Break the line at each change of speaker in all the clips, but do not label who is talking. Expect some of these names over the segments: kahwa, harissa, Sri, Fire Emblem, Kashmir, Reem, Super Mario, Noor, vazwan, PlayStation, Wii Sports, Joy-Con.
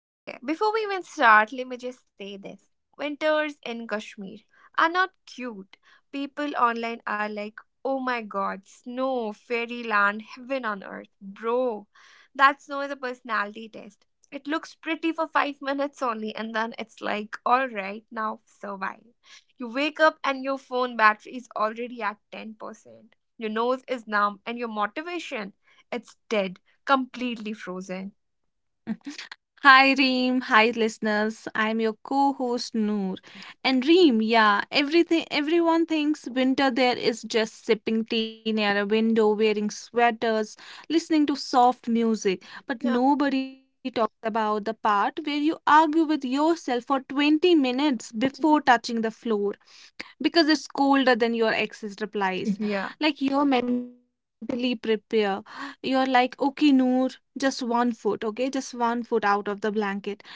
Okay, before we even start, let me just say this. Winters in Kashmir are not cute. People online are like, oh my god, snow, fairyland, heaven on earth. Bro, that snow is a personality test. It looks pretty for 5 minutes only, and then it's like, alright, now survive. You wake up and your phone battery is already at 10%. Your nose is numb, and your motivation, it's dead, completely frozen.
Hi Reem, hi listeners. I'm your co-host Noor. And Reem, yeah, everything everyone thinks winter there is just sipping tea near a window, wearing sweaters, listening to soft music. But nobody talks about the part where you argue with yourself for 20 minutes before touching the floor because it's colder than your ex's
Yeah.
replies. Like you're mentally prepare. You're like, okay, Noor, just one foot, okay, just one foot out of the blanket,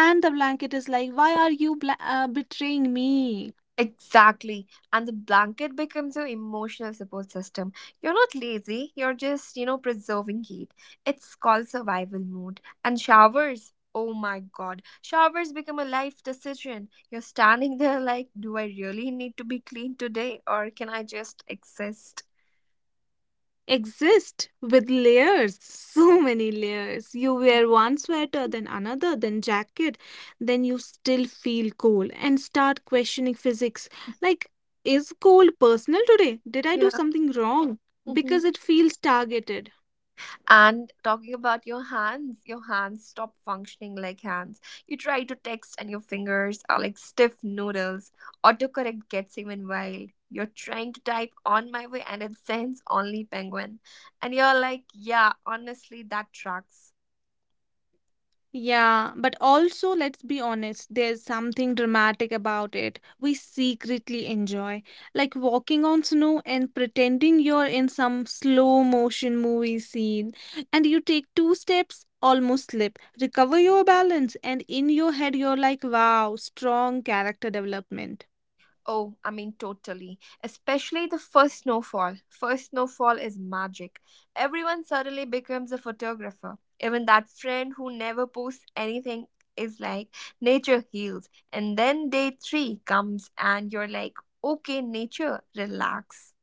and the blanket is like, why are you betraying me?
Exactly. And the blanket becomes your emotional support system. You're not lazy, you're just, preserving heat. It's called survival mode. And showers, oh my god, showers become a life decision. You're standing there like, do I really need to be clean today or can I just exist?
Exist with layers, so many layers. You wear one sweater, then another, then jacket, then you still feel cold and start questioning physics. Like, is cold personal today? Did I do
Yeah.
something wrong? Because it feels targeted.
And talking about your hands stop functioning like hands. You try to text and your fingers are like stiff noodles. Autocorrect gets even wild. You're trying to type on my way and it sends only penguin. And you're like, yeah, honestly, that tracks.
Yeah, but also let's be honest, there's something dramatic about it we secretly enjoy. Like walking on snow and pretending you're in some slow motion movie scene, and you take two steps, almost slip, recover your balance, and in your head, you're like, wow, strong character development.
Oh, I mean, totally. Especially the first snowfall. First snowfall is magic. Everyone suddenly becomes a photographer. Even that friend who never posts anything is like, nature heals. And then day three comes, and you're like, okay, nature, relax.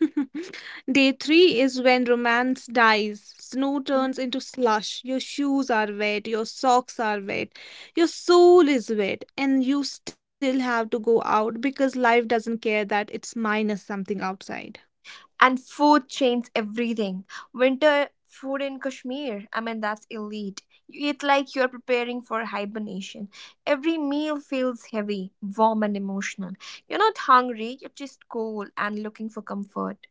Day three is when romance dies. Snow turns into slush. Your shoes are wet. Your socks are wet. Your soul is wet. And you still have to go out because life doesn't care that it's minus something outside.
And food changes everything. Winter food in Kashmir, I mean, that's elite. You eat like you're preparing for hibernation. Every meal feels heavy, warm, and emotional. You're not hungry, you're just cold and looking for comfort.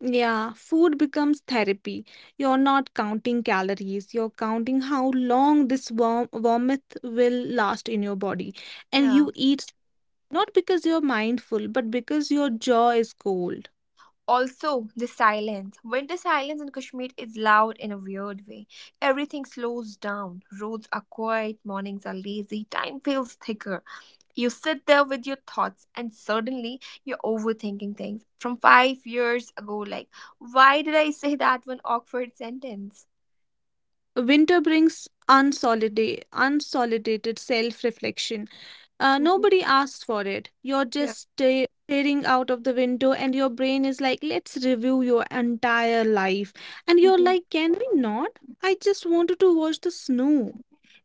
Yeah, food becomes therapy. You're not counting calories, you're counting how long this vomit will last in your body. And
Yeah.
you eat not because you're mindful, but because your jaw is cold.
Also, the silence. Winter silence in Kashmir is loud in a weird way. Everything slows down. Roads are quiet, mornings are lazy, time feels thicker. You sit there with your thoughts, and suddenly you're overthinking things from 5 years ago. Like, why did I say that one awkward sentence?
Winter brings unsolidated self reflection.
Mhm.
Nobody asks for it. You're
Yeah.
just staring out of the window, and your brain is like, let's review your entire life. And you're
hmm
like, can we not? I just wanted to watch the snow.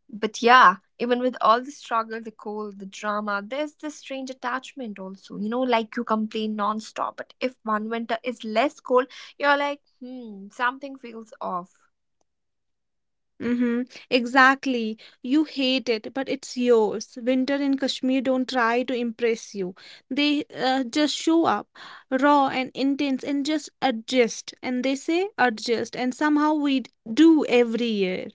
But yeah, even with all the struggle, the cold, the drama, there's this strange attachment also. You know, like you complain nonstop, but if one winter is less cold, you're like, hmm, something feels off.
Mm-hmm. Exactly. You hate it, but it's yours. Winter in Kashmir don't try to impress you. They just show up, raw and intense, and just adjust. And they say adjust, and somehow we do every year.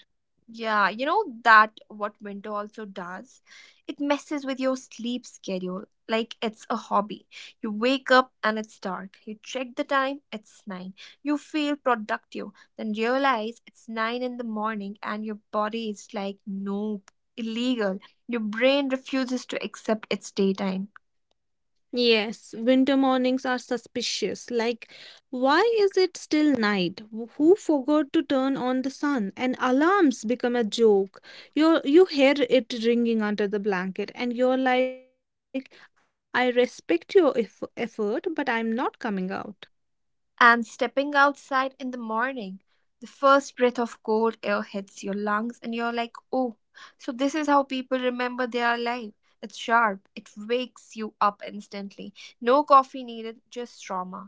Yeah, you know that what winter also does? It messes with your sleep schedule like it's a hobby. You wake up and it's dark. You check the time, it's 9. You feel productive, then realize it's 9 in the morning and your body is like, nope, illegal. Your brain refuses to accept it's daytime.
Yes, winter mornings are suspicious. Like, why is it still night? Who forgot to turn on the sun? And alarms become a joke. You hear it ringing under the blanket, and you're like, I respect your effort, but I'm not coming out.
And stepping outside in the morning, the first breath of cold air hits your lungs, and you're like, oh, so this is how people remember they are alive. It's sharp, it wakes you up instantly. No coffee needed, just trauma.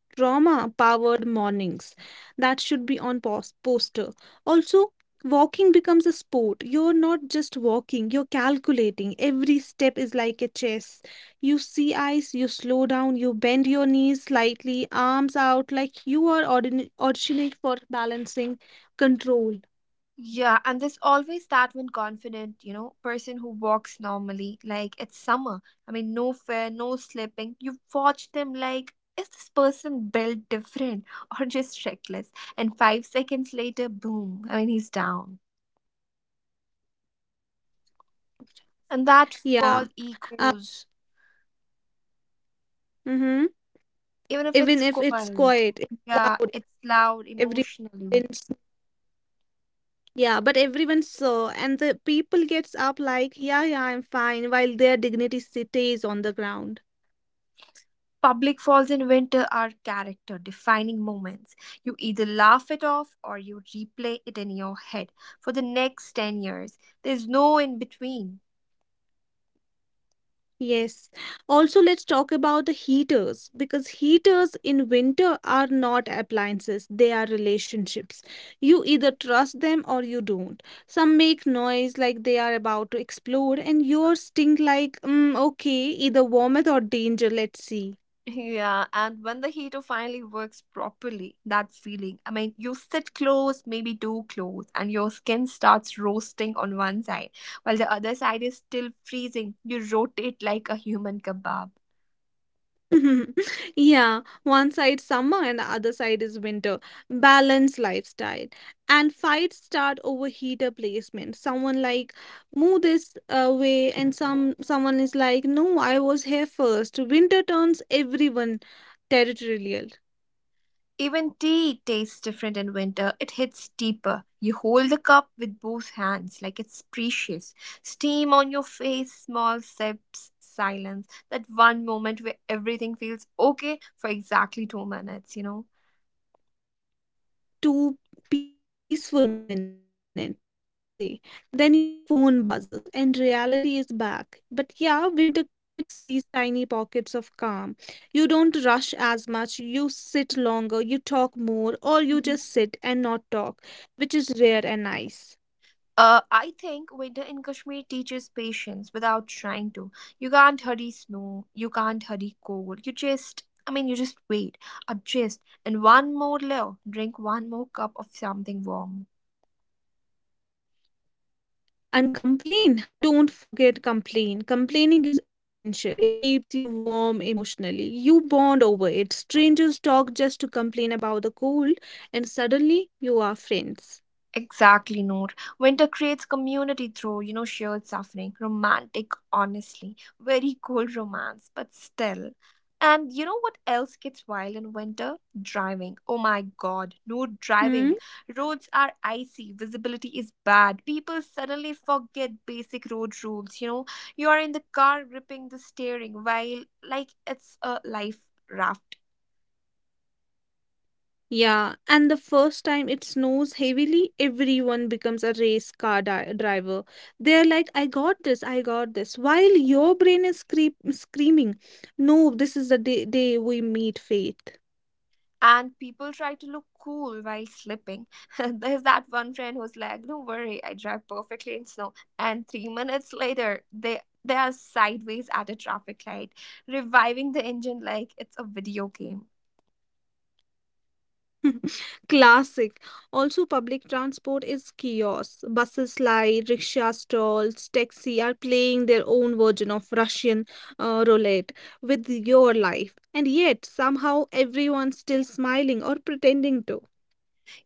Trauma powered mornings. That should be on poster. Also, walking becomes a sport. You're not just walking, you're calculating. Every step is like a chess. You see eyes, you slow down, you bend your knees slightly, arms out, like you are auditioning for balancing control.
Yeah, and there's always that one confident, person who walks normally, like it's summer. I mean, no fear, no slipping. You watch them like, is this person built different or just reckless? And 5 seconds later, boom, I mean, he's down. And that
Yeah.
fall
Uh,
echoes,
mm-hmm.
even if
Even
it's
if it's
quiet.
quiet, it's
Yeah,
loud,
it's loud emotionally.
everyone yeah, but everyone saw, and the people gets up like, yeah, yeah, I'm fine, while their dignity stays on the ground.
Public falls in winter are character defining moments. You either laugh it off or you replay it in your head for the next 10 years. There's no in between.
Yes. Also, let's talk about the heaters because heaters in winter are not appliances, they are relationships. You either trust them or you don't. Some make noise like they are about to explode, and yours stink like, mm, okay, either warmth or danger, let's see.
Yeah, and when the heater finally works properly, that feeling. I mean, you sit close, maybe too close, and your skin starts roasting on one side, while the other side is still freezing. You rotate like a human kebab.
Yeah, one side summer and the other side is winter. Balanced lifestyle. And fights start over heater placement. Someone like move this way, and someone is like no, I was here first. Winter turns everyone territorial.
Even tea tastes different in winter. It hits deeper. You hold the cup with both hands, like it's precious. Steam on your face, small sips, silence. That one moment where everything feels okay for exactly 2 minutes,
Two peaceful minutes, I can say. Then your phone buzzes and reality is back. But yeah, winter creates these tiny pockets of calm. You don't rush as much, you sit longer, you talk more, or you just sit and not talk, which is rare and nice.
I think winter in Kashmir teaches patience without trying to. You can't hurry snow, you can't hurry cold. You just, I mean, you just wait, adjust, and one more layer, drink one more cup of something warm.
And complain. Don't forget complain. Complaining is essential. It keeps you warm emotionally. You bond over it. Strangers talk just to complain about the cold, and suddenly you are friends.
Exactly, Noor. Winter creates community through, shared suffering, romantic, honestly, very cold romance, but still. And you know what else gets wild in winter? Driving. Oh my
Hmm?
god, no driving. Roads are icy, visibility is bad. People suddenly forget basic road rules, You are in the car gripping the steering while like it's a life raft.
Yeah, and the first time it snows heavily, everyone becomes a race car driver. They're like, I got this, I got this. While your brain is screaming, no, this is the day we meet fate.
And people try to look cool while slipping. There's that one friend who's like, "Don't worry, I drive perfectly in snow." And 3 minutes later, they are sideways at a traffic light, reviving the engine like it's a video game.
Classic. Also, public transport is chaos. Buses slide, rickshaw stalls, taxi are playing their own version of Russian roulette with your life. And yet, somehow, everyone's still smiling or pretending to.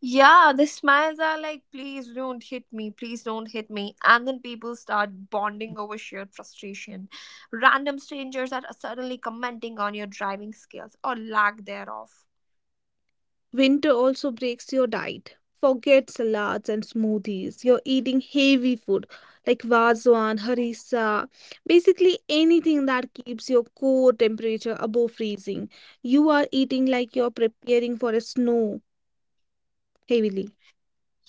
Yeah, the smiles are like, please don't hit me, please don't hit me. And then people start bonding over shared frustration. Random strangers are suddenly commenting on your driving skills or lack thereof.
Winter also breaks your diet. Forget salads and smoothies. You're eating heavy food like
Mhm.
vazwan, harissa, basically anything that keeps your core temperature above freezing. You are eating like you're preparing for a snow heavily.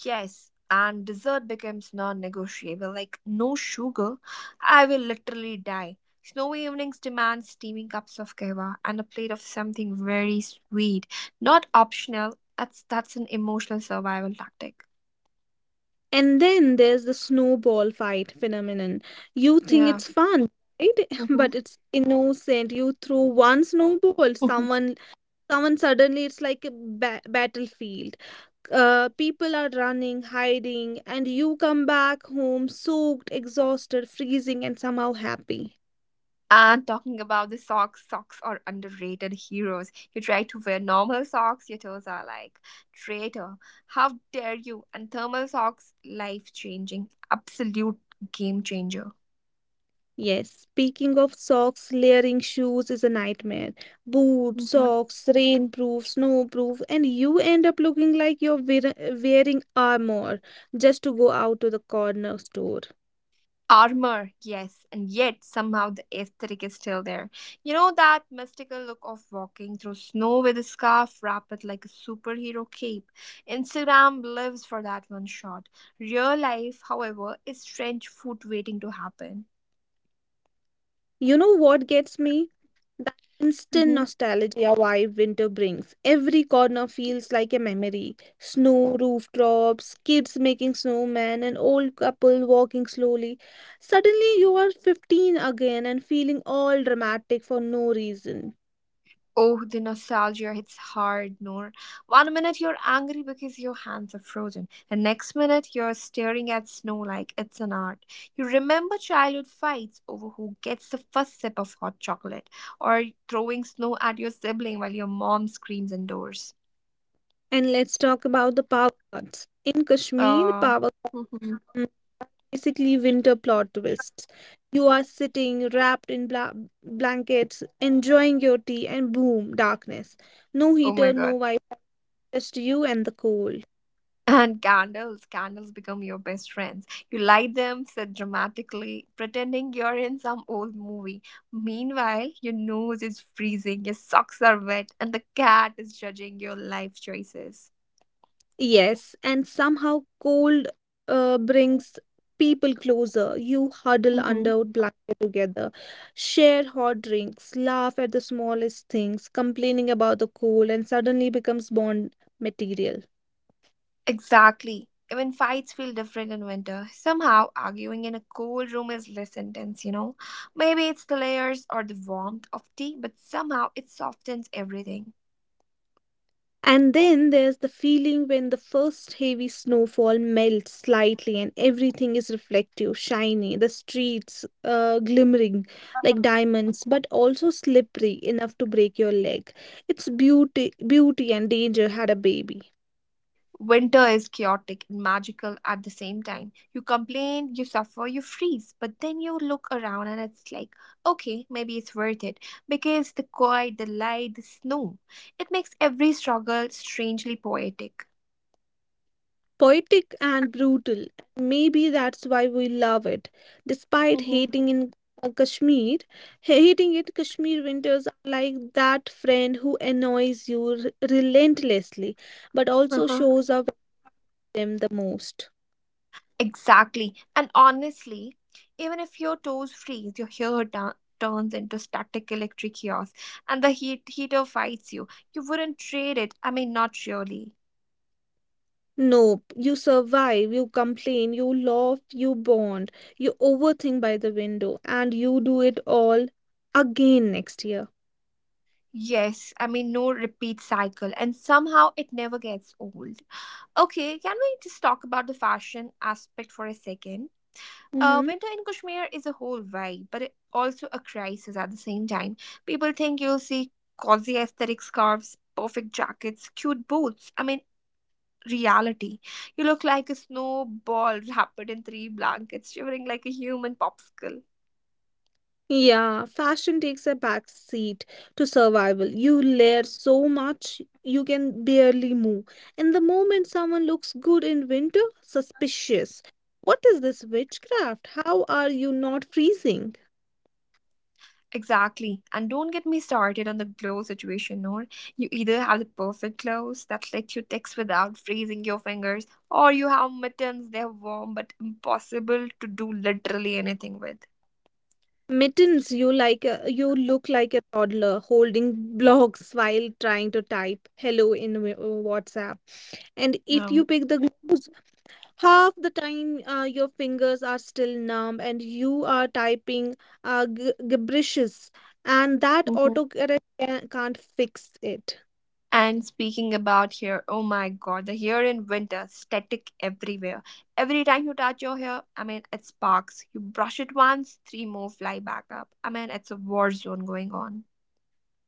Yes, and dessert becomes non negotiable like, no sugar, I will literally die. Snowy evenings demand steaming cups of kawa and a plate of something very sweet. Not optional, that's an emotional survival tactic.
And then there's the snowball fight phenomenon. You think
Yeah.
it's fun, right?
hmm
But it's innocent. You throw one snowball, someone suddenly it's like a battlefield. People are running, hiding, and you come back home soaked, exhausted, freezing, and somehow happy.
And talking about the socks, socks are underrated heroes. You try to wear normal socks, your toes are like, traitor, how dare you? And thermal socks, life changing, absolute game changer.
Yes, speaking of socks, layering shoes is a nightmare. Boots,
Mhm.
socks, rainproof, snowproof, and you end up looking like you're wearing armor just to go out to the corner store.
Armor, yes, and yet somehow the aesthetic is still there. You know that mystical look of walking through snow with a scarf wrapped like a superhero cape. Instagram lives for that one shot. Real life, however, is trench foot waiting to happen.
You know what gets me? That instant
Mhm.
nostalgia vibe winter brings. Every corner feels like a memory. Snow rooftops, kids making snowmen, an old couple walking slowly. Suddenly you are 15 again and feeling all dramatic for no reason.
Oh, the nostalgia hits hard, Noor. 1 minute you're angry because your hands are frozen. The next minute you're staring at snow like it's an art. You remember childhood fights over who gets the first sip of hot chocolate or throwing snow at your sibling while your mom screams indoors.
And let's talk about the power cuts. In Kashmir,
Uh,
power cuts are basically winter plot twists. You are sitting wrapped in blankets, enjoying your tea, and boom, darkness. No
oh my
heater, no
god.
Wi. Just you and the cold.
And candles, candles become your best friends. You light them, sit dramatically, pretending you're in some old movie. Meanwhile, your nose is freezing, your socks are wet, and the cat is judging your life choices.
Yes, and somehow cold brings people closer. You huddle
hmm
under blanket together, share hot drinks, laugh at the smallest things, complaining about the cold, and suddenly becomes bond material.
Exactly. Even fights feel different in winter. Somehow, arguing in a cold room is less intense, Maybe it's the layers or the warmth of tea, but somehow it softens everything.
And then there's the feeling when the first heavy snowfall melts slightly and everything is reflective, shiny, the streets glimmering like diamonds, but also slippery enough to break your leg. It's beauty, beauty and danger had a baby.
Winter is chaotic and magical at the same time. You complain, you suffer, you freeze, but then you look around and it's like, okay, maybe it's worth it because the quiet, the light, the snow, it makes every struggle strangely poetic.
Poetic and brutal. Maybe that's why we love it. Despite
Mm-hmm.
hating in Kashmir, hating it, Kashmir winters are like that friend who annoys you relentlessly, but also
Uh-huh.
shows up with them the most.
Exactly. And honestly, even if your toes freeze, your hair turns into static electric chaos and the heater fights you. You wouldn't trade it. I mean, not really.
Nope, you survive, you complain, you laugh, you bond, you overthink by the window, and you do it all again next year.
Yes, I mean, no repeat cycle, and somehow it never gets old. Okay, can we just talk about the fashion aspect for a second?
Mhm.
Winter in Kashmir is a whole vibe, but it also a crisis at the same time. People think you'll see cozy aesthetic scarves, perfect jackets, cute boots. I mean, reality. You look like a snowball wrapped in 3 blankets, shivering like a human popsicle.
Yeah, fashion takes a back seat to survival. You layer so much you can barely move. And the moment someone looks good in winter, suspicious. What is this witchcraft? How are you not freezing?
Exactly. And don't get me started on the glow situation, Noor. You either have the perfect glows that let you text without freezing your fingers, or you have mittens, they're warm but impossible to do literally anything with.
Mittens, you like a, you look like a toddler holding blocks while trying to type hello in WhatsApp. And if
Yeah.
you pick the gloves half the time, your fingers are still numb and you are typing gibberishes, and that
Mhm.
autocorrect can't fix it.
And speaking about hair, oh my god, the hair in winter, static everywhere. Every time you touch your hair, I mean, it sparks. You brush it once, three more fly back up. I mean, it's a war zone going on.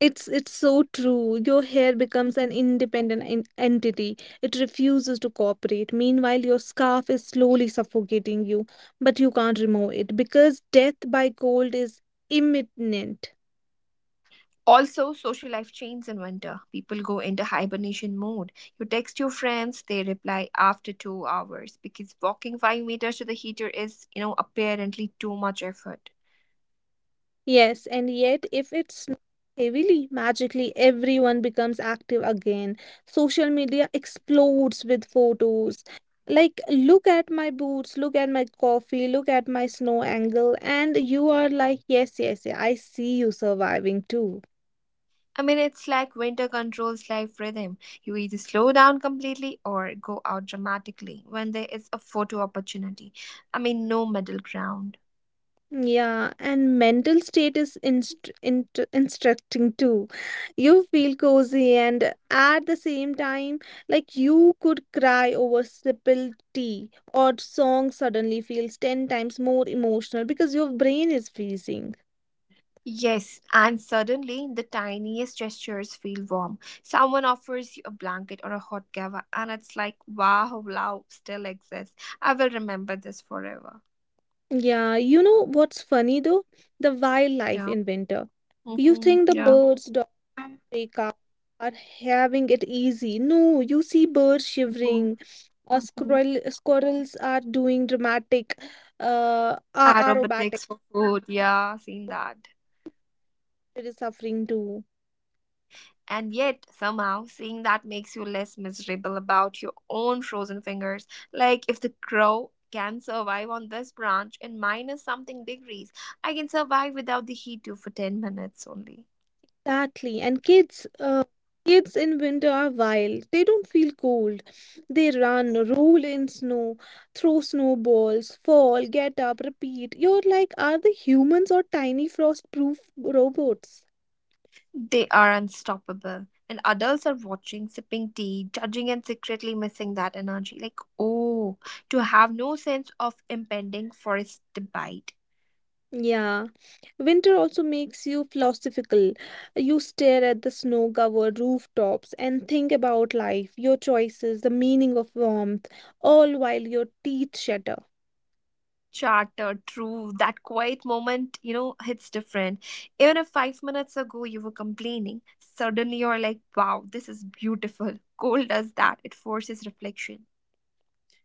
It's so true. Your hair becomes an
Mhm.
independent entity. It refuses to cooperate. Meanwhile, your scarf is slowly suffocating you, but you can't remove it because death by cold is imminent.
Also, social life changes in winter. People go into hibernation mode. You text your friends, they reply after 2 hours because walking 5 meters to the heater is, apparently too much effort.
Yes, and yet if it snows heavily, magically everyone becomes active again. Social media explodes with photos. Like, look at my boots, look at my coffee, look at my snow angle, and you are like, yes, yes, yeah, I see you surviving too.
I mean, it's like winter controls life rhythm. You either slow down completely or go out dramatically when there is a photo opportunity. I mean, no middle ground.
Yeah, and mental state is instructing too. You feel cozy and at the same time, like you could cry over simple tea or song suddenly feels 10 times more emotional because your brain is freezing.
Yes, and suddenly the tiniest gestures feel warm. Someone offers you a blanket or a hot cover, and it's like, wow, love still exists. I will remember this forever.
Yeah, you know what's funny though? The wildlife
Yeah.
in winter. You
Mm-hmm.
think the
Yeah.
birds, dogs, cows are having it easy. No, you see birds
Mm-hmm.
shivering. Squirrels are doing dramatic, uh, aerobatic.
Aromatics for food. Yeah, seen that.
It is suffering too.
And yet, somehow, seeing that makes you less miserable about your own frozen fingers. Like, if the crow can survive on this branch in minus something degrees, I can survive without the heat too for 10 minutes only.
Exactly. And kids, kids in winter are wild. They don't feel cold. They run, roll in snow, throw snowballs, fall, get up, repeat. You're like, are they humans or tiny frost-proof robots?
They are unstoppable. And adults are watching, sipping tea, judging, and secretly missing that energy. Like, oh, to have no sense of impending forest bite.
Yeah, winter also makes you philosophical. You stare at the snow-covered rooftops and think about life, your choices, the meaning of warmth, all while your teeth shatter.
Charter, true. That quiet moment, hits different. Even if 5 minutes ago you were complaining, suddenly you're like, wow, this is beautiful. Cold does that, it forces reflection.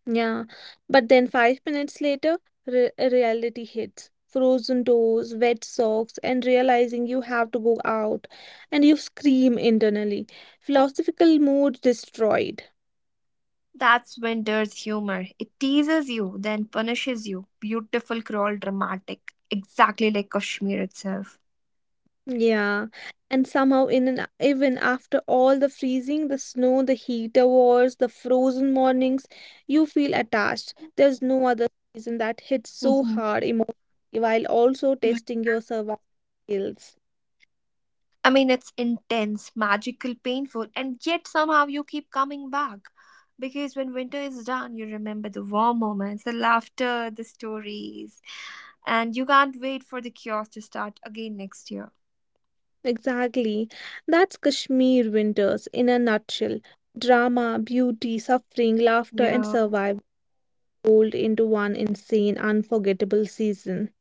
Yeah, but then five minutes later, re reality hits. Frozen toes, wet socks, and realizing you have to go out, and you scream internally. Philosophical mood destroyed.
That's Winter's humor. It teases you, then punishes you. Beautiful, cruel, dramatic. Exactly like Kashmir itself.
Yeah, and somehow in an even after all the freezing, the snow, the heater wars, the frozen mornings, you feel attached. There's no other season that hits so
Mhm.
hard emotionally while also
Right.
testing your survival skills.
I mean, it's intense, magical, painful, and yet somehow you keep coming back. Because when winter is done, you remember the warm moments, the laughter, the stories, and you can't wait for the chaos to start again next year.
Exactly. That's Kashmir winters in a nutshell. Drama, beauty, suffering, laughter, and
Yeah.
survival rolled into one insane, unforgettable season.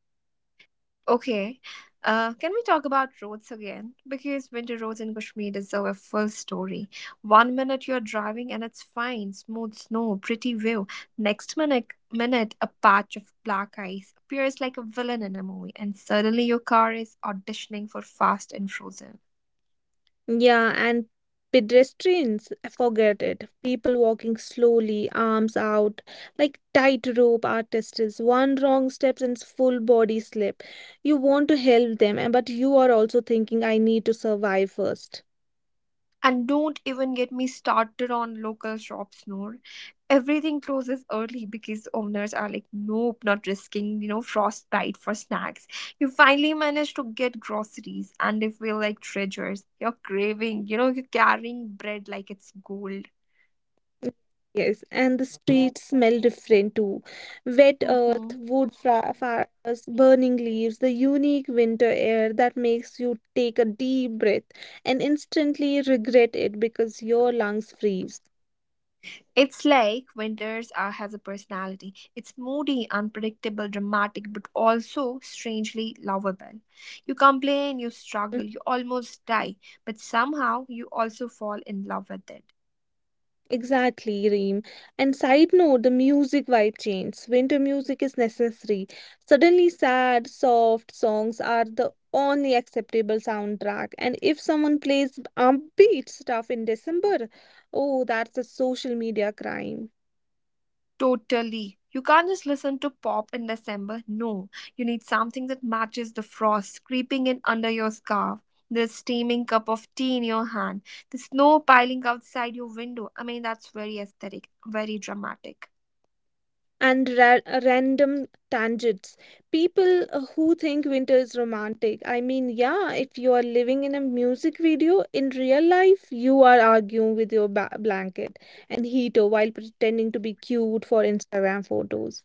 Okay. Can we talk about roads again? Because winter roads in Kashmir deserve a full story. One minute you're driving and it's fine, smooth snow, pretty view. Next minute a patch of black ice appears like a villain in a movie, and suddenly your car is auditioning for Fast and Frozen.
Yeah, and pedestrians, forget it. People walking slowly, arms out, like tightrope artists. One wrong steps and full body slip. You want to help them, but you are also thinking, I need to survive first.
And don't even get me started on local shops, Noor. Everything closes early because owners are like, nope, not risking, frostbite for snacks. You finally manage to get groceries and they feel like treasures. You're craving, you're carrying bread like it's gold.
Yes, and the streets smell different too. Wet
Mm-hmm.
earth, wood fires, burning leaves, the unique winter air that makes you take a deep breath and instantly regret it because your lungs freeze.
It's like Winters has a personality. It's moody, unpredictable, dramatic, but also strangely lovable. You complain, you struggle, you almost die, but somehow you also fall in love with it.
Exactly, Reem. And side note, the music vibe changes. Winter music is necessary. Suddenly, sad, soft songs are the only acceptable soundtrack. And if someone plays upbeat stuff in December, oh, that's a social media crime.
Totally. You can't just listen to pop in December. No, you need something that matches the frost creeping in under your scarf, the steaming cup of tea in your hand, the snow piling outside your window. I mean, that's very aesthetic, very dramatic.
And random tangents. People who think winter is romantic. I mean, yeah, if you are living in a music video, in real life, you are arguing with your blanket and heater while pretending to be cute for Instagram photos.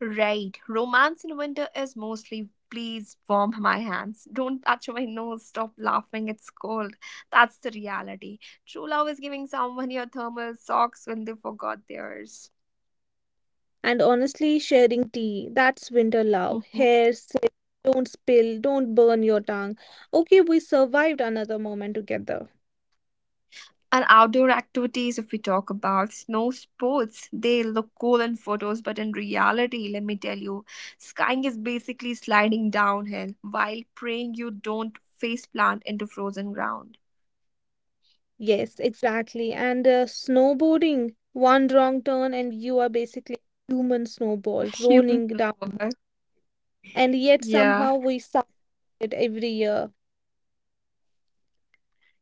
Right. Romance in winter is mostly please warm my hands. Don't touch my nose. Stop laughing. It's cold. That's the reality. True love is giving someone your thermal socks when they forgot theirs.
And honestly, sharing tea, that's winter love.
Mhm.
Hair, sip, don't spill, don't burn your tongue. Okay, we survived another moment together.
And outdoor activities, if we talk about snow sports, they look cool in photos, but in reality, let me tell you, skiing is basically sliding downhill while praying you don't face plant into frozen ground.
Yes, exactly. And snowboarding, one wrong turn, and you are basically a human snowball
Humans
rolling
the
down.
worst.
And yet
Yeah.
somehow we survive it every year.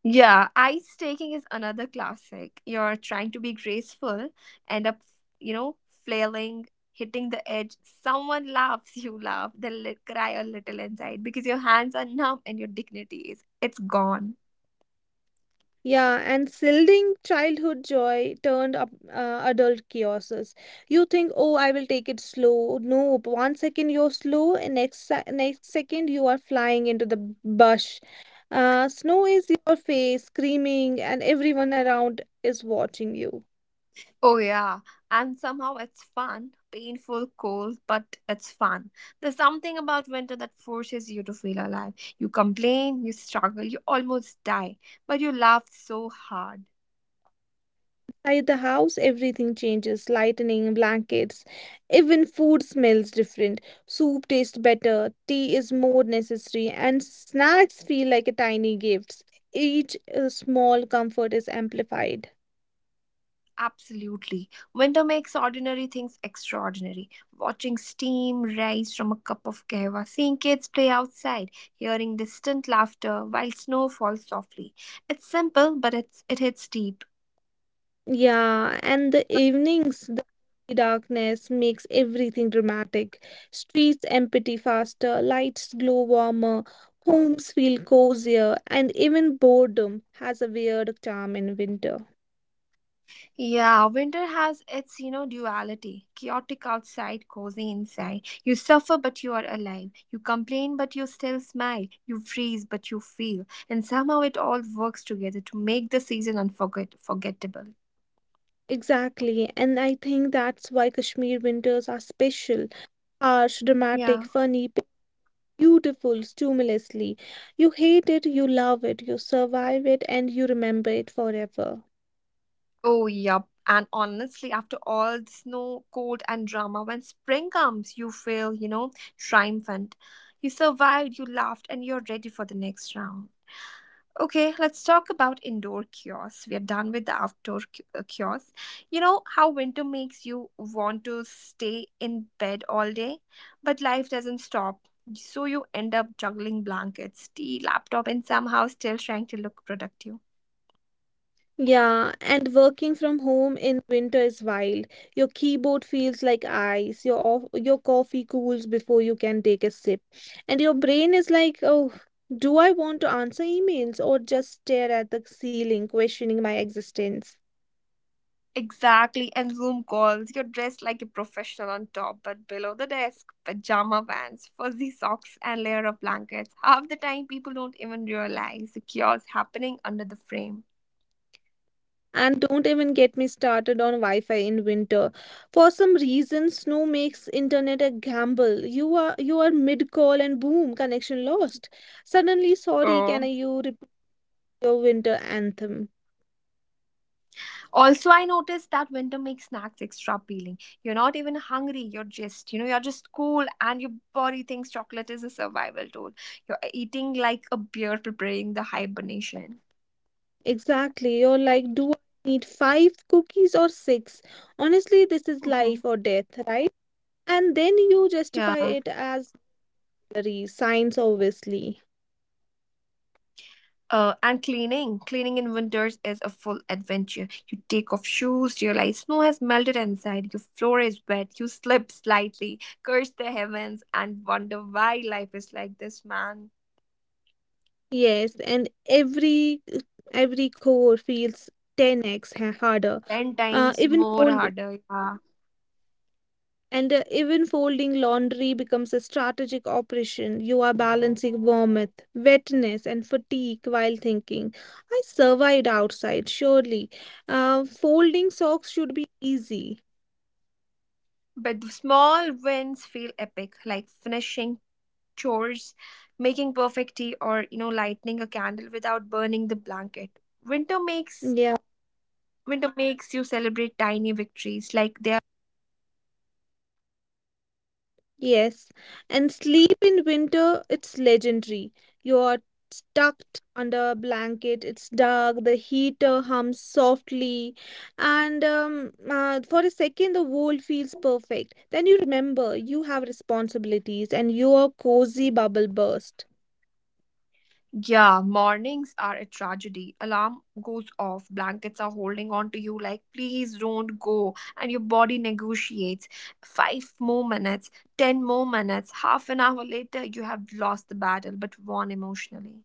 Yeah, ice taking is another classic. You're trying to be graceful, end up, you know, flailing, hitting the edge. Someone laughs, you laugh, they will cry a little inside because your hands are numb and your dignity is it's gone.
Yeah, and silding childhood joy turned up adult chaoses. You think, oh, I will take it slow. No, but one second you're slow, and next second you are flying into the bush. Snow is your face, screaming, and everyone around is watching you.
Oh yeah, and somehow it's fun, painful, cold, but it's fun. There's something about winter that forces you to feel alive. You complain, you struggle, you almost die, but you laugh so hard.
Inside the house, everything changes lightening, blankets, even food smells different. Soup tastes better, tea is more necessary, and snacks feel like a tiny gifts. Each small comfort is amplified.
Absolutely. Winter makes ordinary things extraordinary. Watching steam rise from a cup of kahwa, seeing kids play outside, hearing distant laughter while snow falls softly. It's simple, but it hits deep.
Yeah, and the evenings, the darkness makes everything dramatic. Streets empty faster, lights glow warmer, homes feel cozier, and even boredom has a weird charm in winter.
Yeah, winter has its duality. Chaotic outside, cozy inside. You suffer but you are alive. You complain but you still smile. You freeze but you feel. And somehow it all works together to make the season unforgettable.
Exactly, and I think that's why Kashmir winters are special, harsh, dramatic,
Yeah.
funny, beautiful, stimulously. You hate it, you love it, you survive it, and you remember it forever.
Oh, yup. And honestly, after all the snow, cold, and drama, when spring comes, you feel triumphant. You survived, you laughed, and you're ready for the next round. Okay, let's talk about indoor kiosks. We are done with the outdoor kiosks. You know how winter makes you want to stay in bed all day, but life doesn't stop. So you end up juggling blankets, tea, laptop, and somehow still trying to look productive.
Yeah, and working from home in winter is wild. Your keyboard feels like ice, your coffee cools before you can take a sip, and your brain is like, oh, do I want to answer emails or just stare at the ceiling, questioning my existence?
Exactly, and Zoom calls. You're dressed like a professional on top, but below the desk, pajama pants, fuzzy socks, and layer of blankets. Half the time, people don't even realize the chaos happening under the frame.
And don't even get me started on Wi Fi in winter. For some reason, snow makes internet a gamble. You are mid call and boom, connection lost. Suddenly, sorry, can I
Oh.
you repeat your winter anthem?
Also, I noticed that winter makes snacks extra appealing. You're not even hungry. You're just you're just cool and your body thinks chocolate is a survival tool. You're eating like a bear preparing the hibernation.
Exactly. You're like, do I need five cookies or six? Honestly, this is
Mhm.
life or death, right? And then you justify
Yeah.
it as salary, science, obviously.
And cleaning. Cleaning in winters is a full adventure. You take off shoes, realize snow has melted inside, your floor is wet, you slip slightly, curse the heavens, and wonder why life is like this, man.
Yes, and every core feels 10x harder.
Ten
Uh,
times
even
more
fold
harder. Yeah.
Even folding laundry becomes a strategic operation. You are balancing warmth, wetness, and fatigue while thinking, I survived outside, surely. Folding socks should be easy.
But the small wins feel epic, like finishing chores, making perfect tea, or lighting a candle without burning the blanket. Winter makes
Yeah.
winter makes you celebrate tiny victories like they are heroic.
Yes, and sleep in winter, it's legendary. You're tucked under a blanket, it's dark, the heater hums softly, and for a second, the world feels perfect. Then you remember you have responsibilities, and your cozy bubble bursts.
Yeah, mornings are a tragedy. Alarm goes off, blankets are holding on to you like, please don't go. And your body negotiates. 5 more minutes, 10 more minutes, half an hour later, you have lost the battle but won emotionally.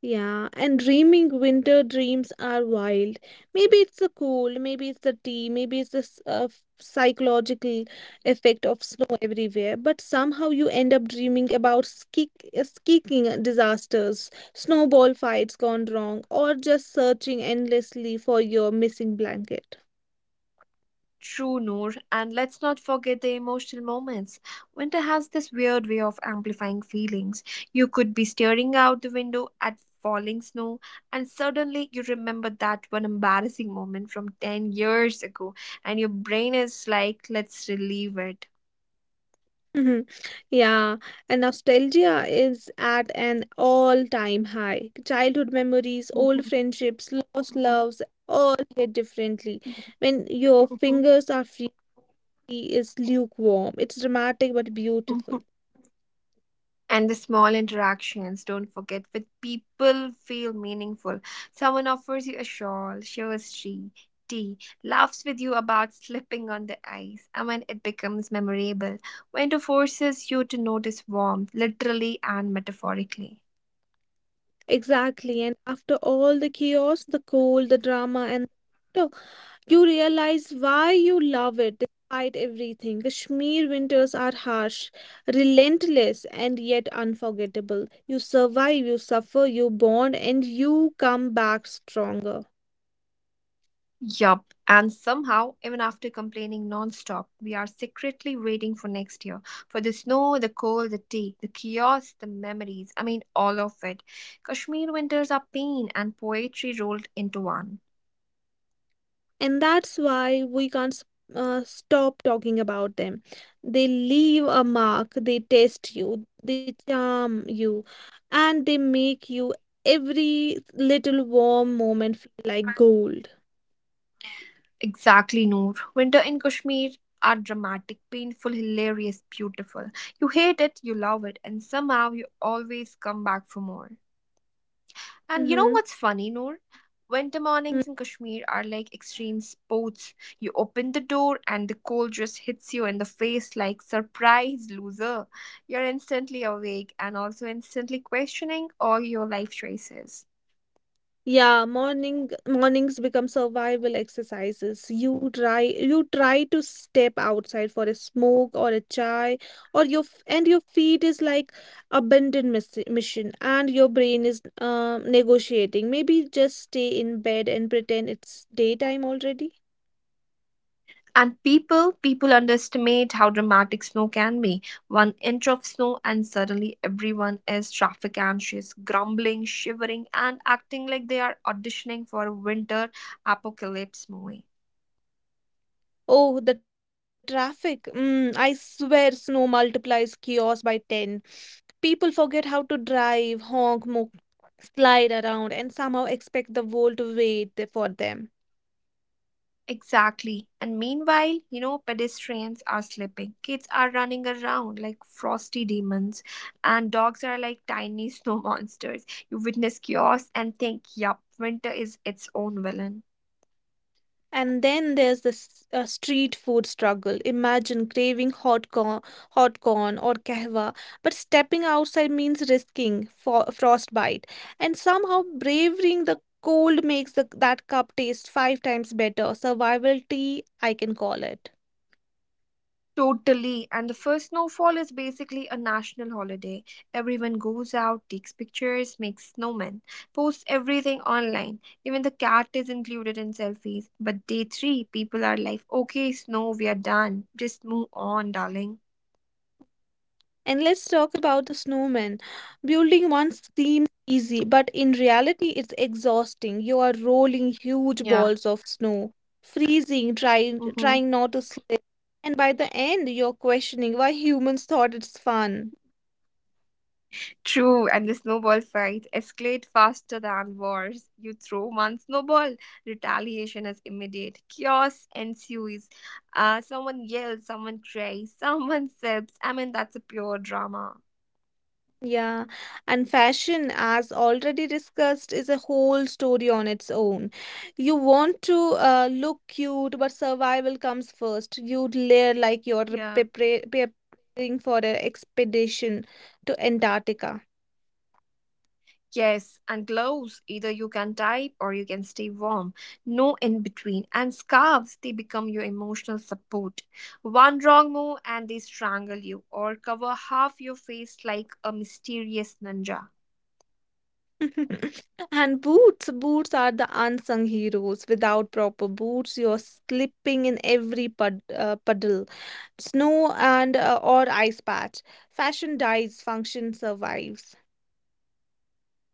Yeah, and dreaming winter dreams are wild. Maybe it's the cold, maybe it's the tea, maybe it's the psychological effect of snow everywhere. But somehow you end up dreaming about skiing disasters, snowball fights gone wrong, or just searching endlessly for your missing blanket.
True, Noor, and let's not forget the emotional moments. Winter has this weird way of amplifying feelings. You could be staring out the window at falling snow, and suddenly you remember that one embarrassing moment from 10 years ago, and your brain is like, let's relieve it.
Mhm. Yeah, and nostalgia is at an all-time high. Childhood memories, old friendships, lost loves, all hit differently. When your fingers are free, it's lukewarm. It's dramatic but beautiful.
And the small interactions, don't forget, with people feel meaningful. Someone offers you a shawl, shares tea, laughs with you about slipping on the ice, and when it becomes memorable. Winter forces you to notice warmth, literally and metaphorically.
Exactly. And after all the chaos, the cold, the drama, and the laughter, you realize why you love it despite everything. Kashmir winters are harsh, relentless, and yet unforgettable. You survive, you suffer, you bond, and you come back stronger.
Yup, and somehow, even after complaining non-stop, we are secretly waiting for next year. For the snow, the cold, the tea, the chaos, the memories. I mean, all of it. Kashmir winters are pain and poetry rolled into one.
And that's why we can't stop talking about them. They leave a mark, they test you, they charm you, and they make you every little warm moment feel like gold.
Exactly, Noor. Winter in Kashmir are dramatic, painful, hilarious, beautiful. You hate it, you love it, and somehow you always come back for more. And you know
Mhm.
what's funny, Noor? Winter
Mm.
mornings in Kashmir are like extreme sports. You open the door and the cold just hits you in the face like surprise loser. You're instantly awake and also instantly questioning all your life choices.
Yeah, mornings become survival exercises. You try to step outside for a smoke or a chai, and your feet is like abandoned miss mission, and your brain is negotiating. Maybe just stay in bed and pretend it's daytime already.
And people underestimate how dramatic snow can be. 1 inch of snow and suddenly everyone is traffic anxious, grumbling, shivering, and acting like they are auditioning for a winter apocalypse movie.
Oh, the traffic! Mm, I swear, snow multiplies chaos by ten. People forget how to drive, honk, slide around and somehow expect the world to wait for them.
Exactly. And meanwhile, pedestrians are slipping. Kids are running around like frosty demons, and dogs are like tiny snow monsters. You witness chaos and think, yup, winter is its own villain.
And then there's this street food struggle. Imagine craving hot corn or kahwa, but stepping outside means risking frostbite. And somehow braving the cold makes the, that cup taste five times better. Survival tea, I can call it.
Totally. And the first snowfall is basically a national holiday. Everyone goes out, takes pictures, makes snowmen, posts everything online. Even the cat is included in selfies. But day three, people are like, okay, snow, we are done. Just move on, darling.
And let's talk about the snowman. Building one seems easy, but in reality, it's exhausting. You are rolling huge
Yeah.
balls of snow, freezing,
Mm-hmm.
trying not to slip. And by the end, you're questioning why humans thought it's fun.
True, and the snowball fights escalate faster than wars. You throw one snowball, retaliation is immediate. Chaos ensues. Someone yells, someone cries, someone sips. I mean, that's a pure drama.
Yeah, and fashion, as already discussed, is a whole story on its own. You want to look cute, but survival comes first. You layer like you're
Yeah.
preparing for an expedition to Antarctica.
Yes, and gloves. Either you can type or you can stay warm. No in between. And scarves, they become your emotional support. One wrong move and they strangle you or cover half your face like a mysterious ninja.
And boots, boots are the unsung heroes. Without proper boots, you're slipping in every puddle, snow and or ice patch. Fashion dies, function survives.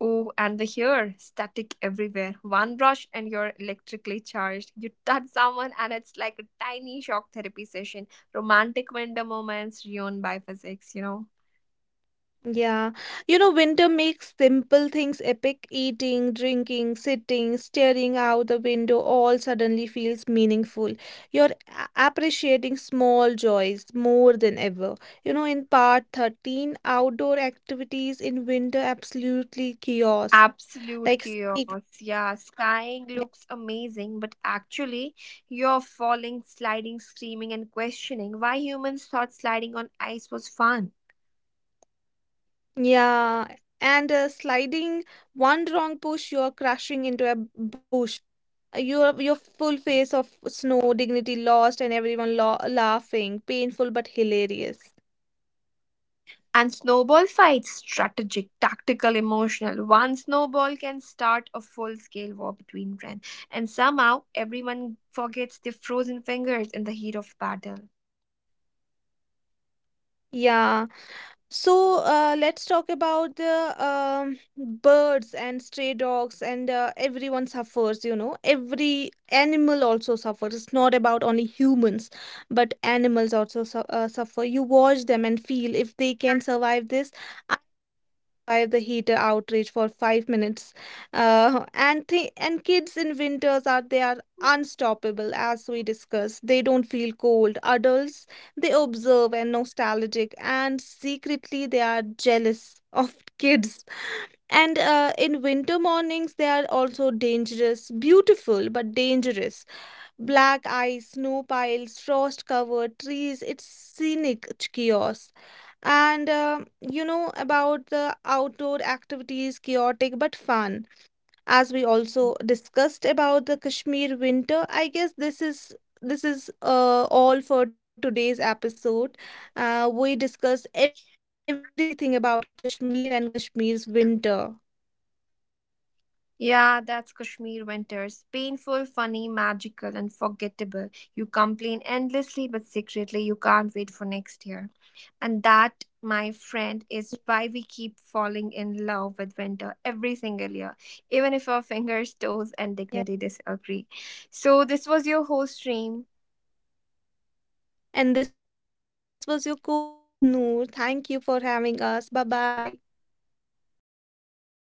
Oh, and the hair, static everywhere. One brush and you're electrically charged. You touch someone and it's like a tiny shock therapy session. Romantic winter moments ruined by physics.
Yeah, you know, winter makes simple things epic. Eating, drinking, sitting, staring out the window all suddenly feels meaningful. You're appreciating small joys more than ever. You know, in part 13, outdoor activities in winter absolutely chaos.
Absolute
Like skiing.
chaos. Yeah, skying looks amazing, but actually, you're falling, sliding, screaming, and questioning why humans thought sliding on ice was fun.
Yeah, and sliding one wrong push, you're crashing into a bush. Your full face of snow, dignity lost, and everyone lo laughing. Painful but hilarious.
And snowball fights, strategic, tactical, emotional. One snowball can start a full scale war between friends. And somehow everyone forgets their frozen fingers in the heat of battle.
Yeah. So let's talk about the birds and stray dogs, and everyone suffers, you know. Every animal also suffers. It's not about only humans, but animals also suffer. You watch them and feel if they can survive this by the heater outage for 5 minutes. And kids in winters are they are unstoppable as we discussed. They don't feel cold. Adults they observe and nostalgic, and secretly they are jealous of kids. And in winter mornings they are also dangerous, beautiful but dangerous. Black ice, snow piles, frost covered trees. It's scenic chaos and you know about the outdoor activities, chaotic but fun. As we also discussed about the Kashmir winter, I guess this is all for today's episode. We discussed everything about Kashmir and Kashmir's winter.
Yeah, that's Kashmir winters. Painful, funny, magical, and forgettable. You complain endlessly, but secretly you can't wait for next year. And that, my friend, is why we keep falling in love with winter every single year, even if our fingers, toes, and dignity
Yeah.
disagree. So, this was your host, stream.
And this was your co-host Noor. Thank you for having us. Bye bye.
Bye.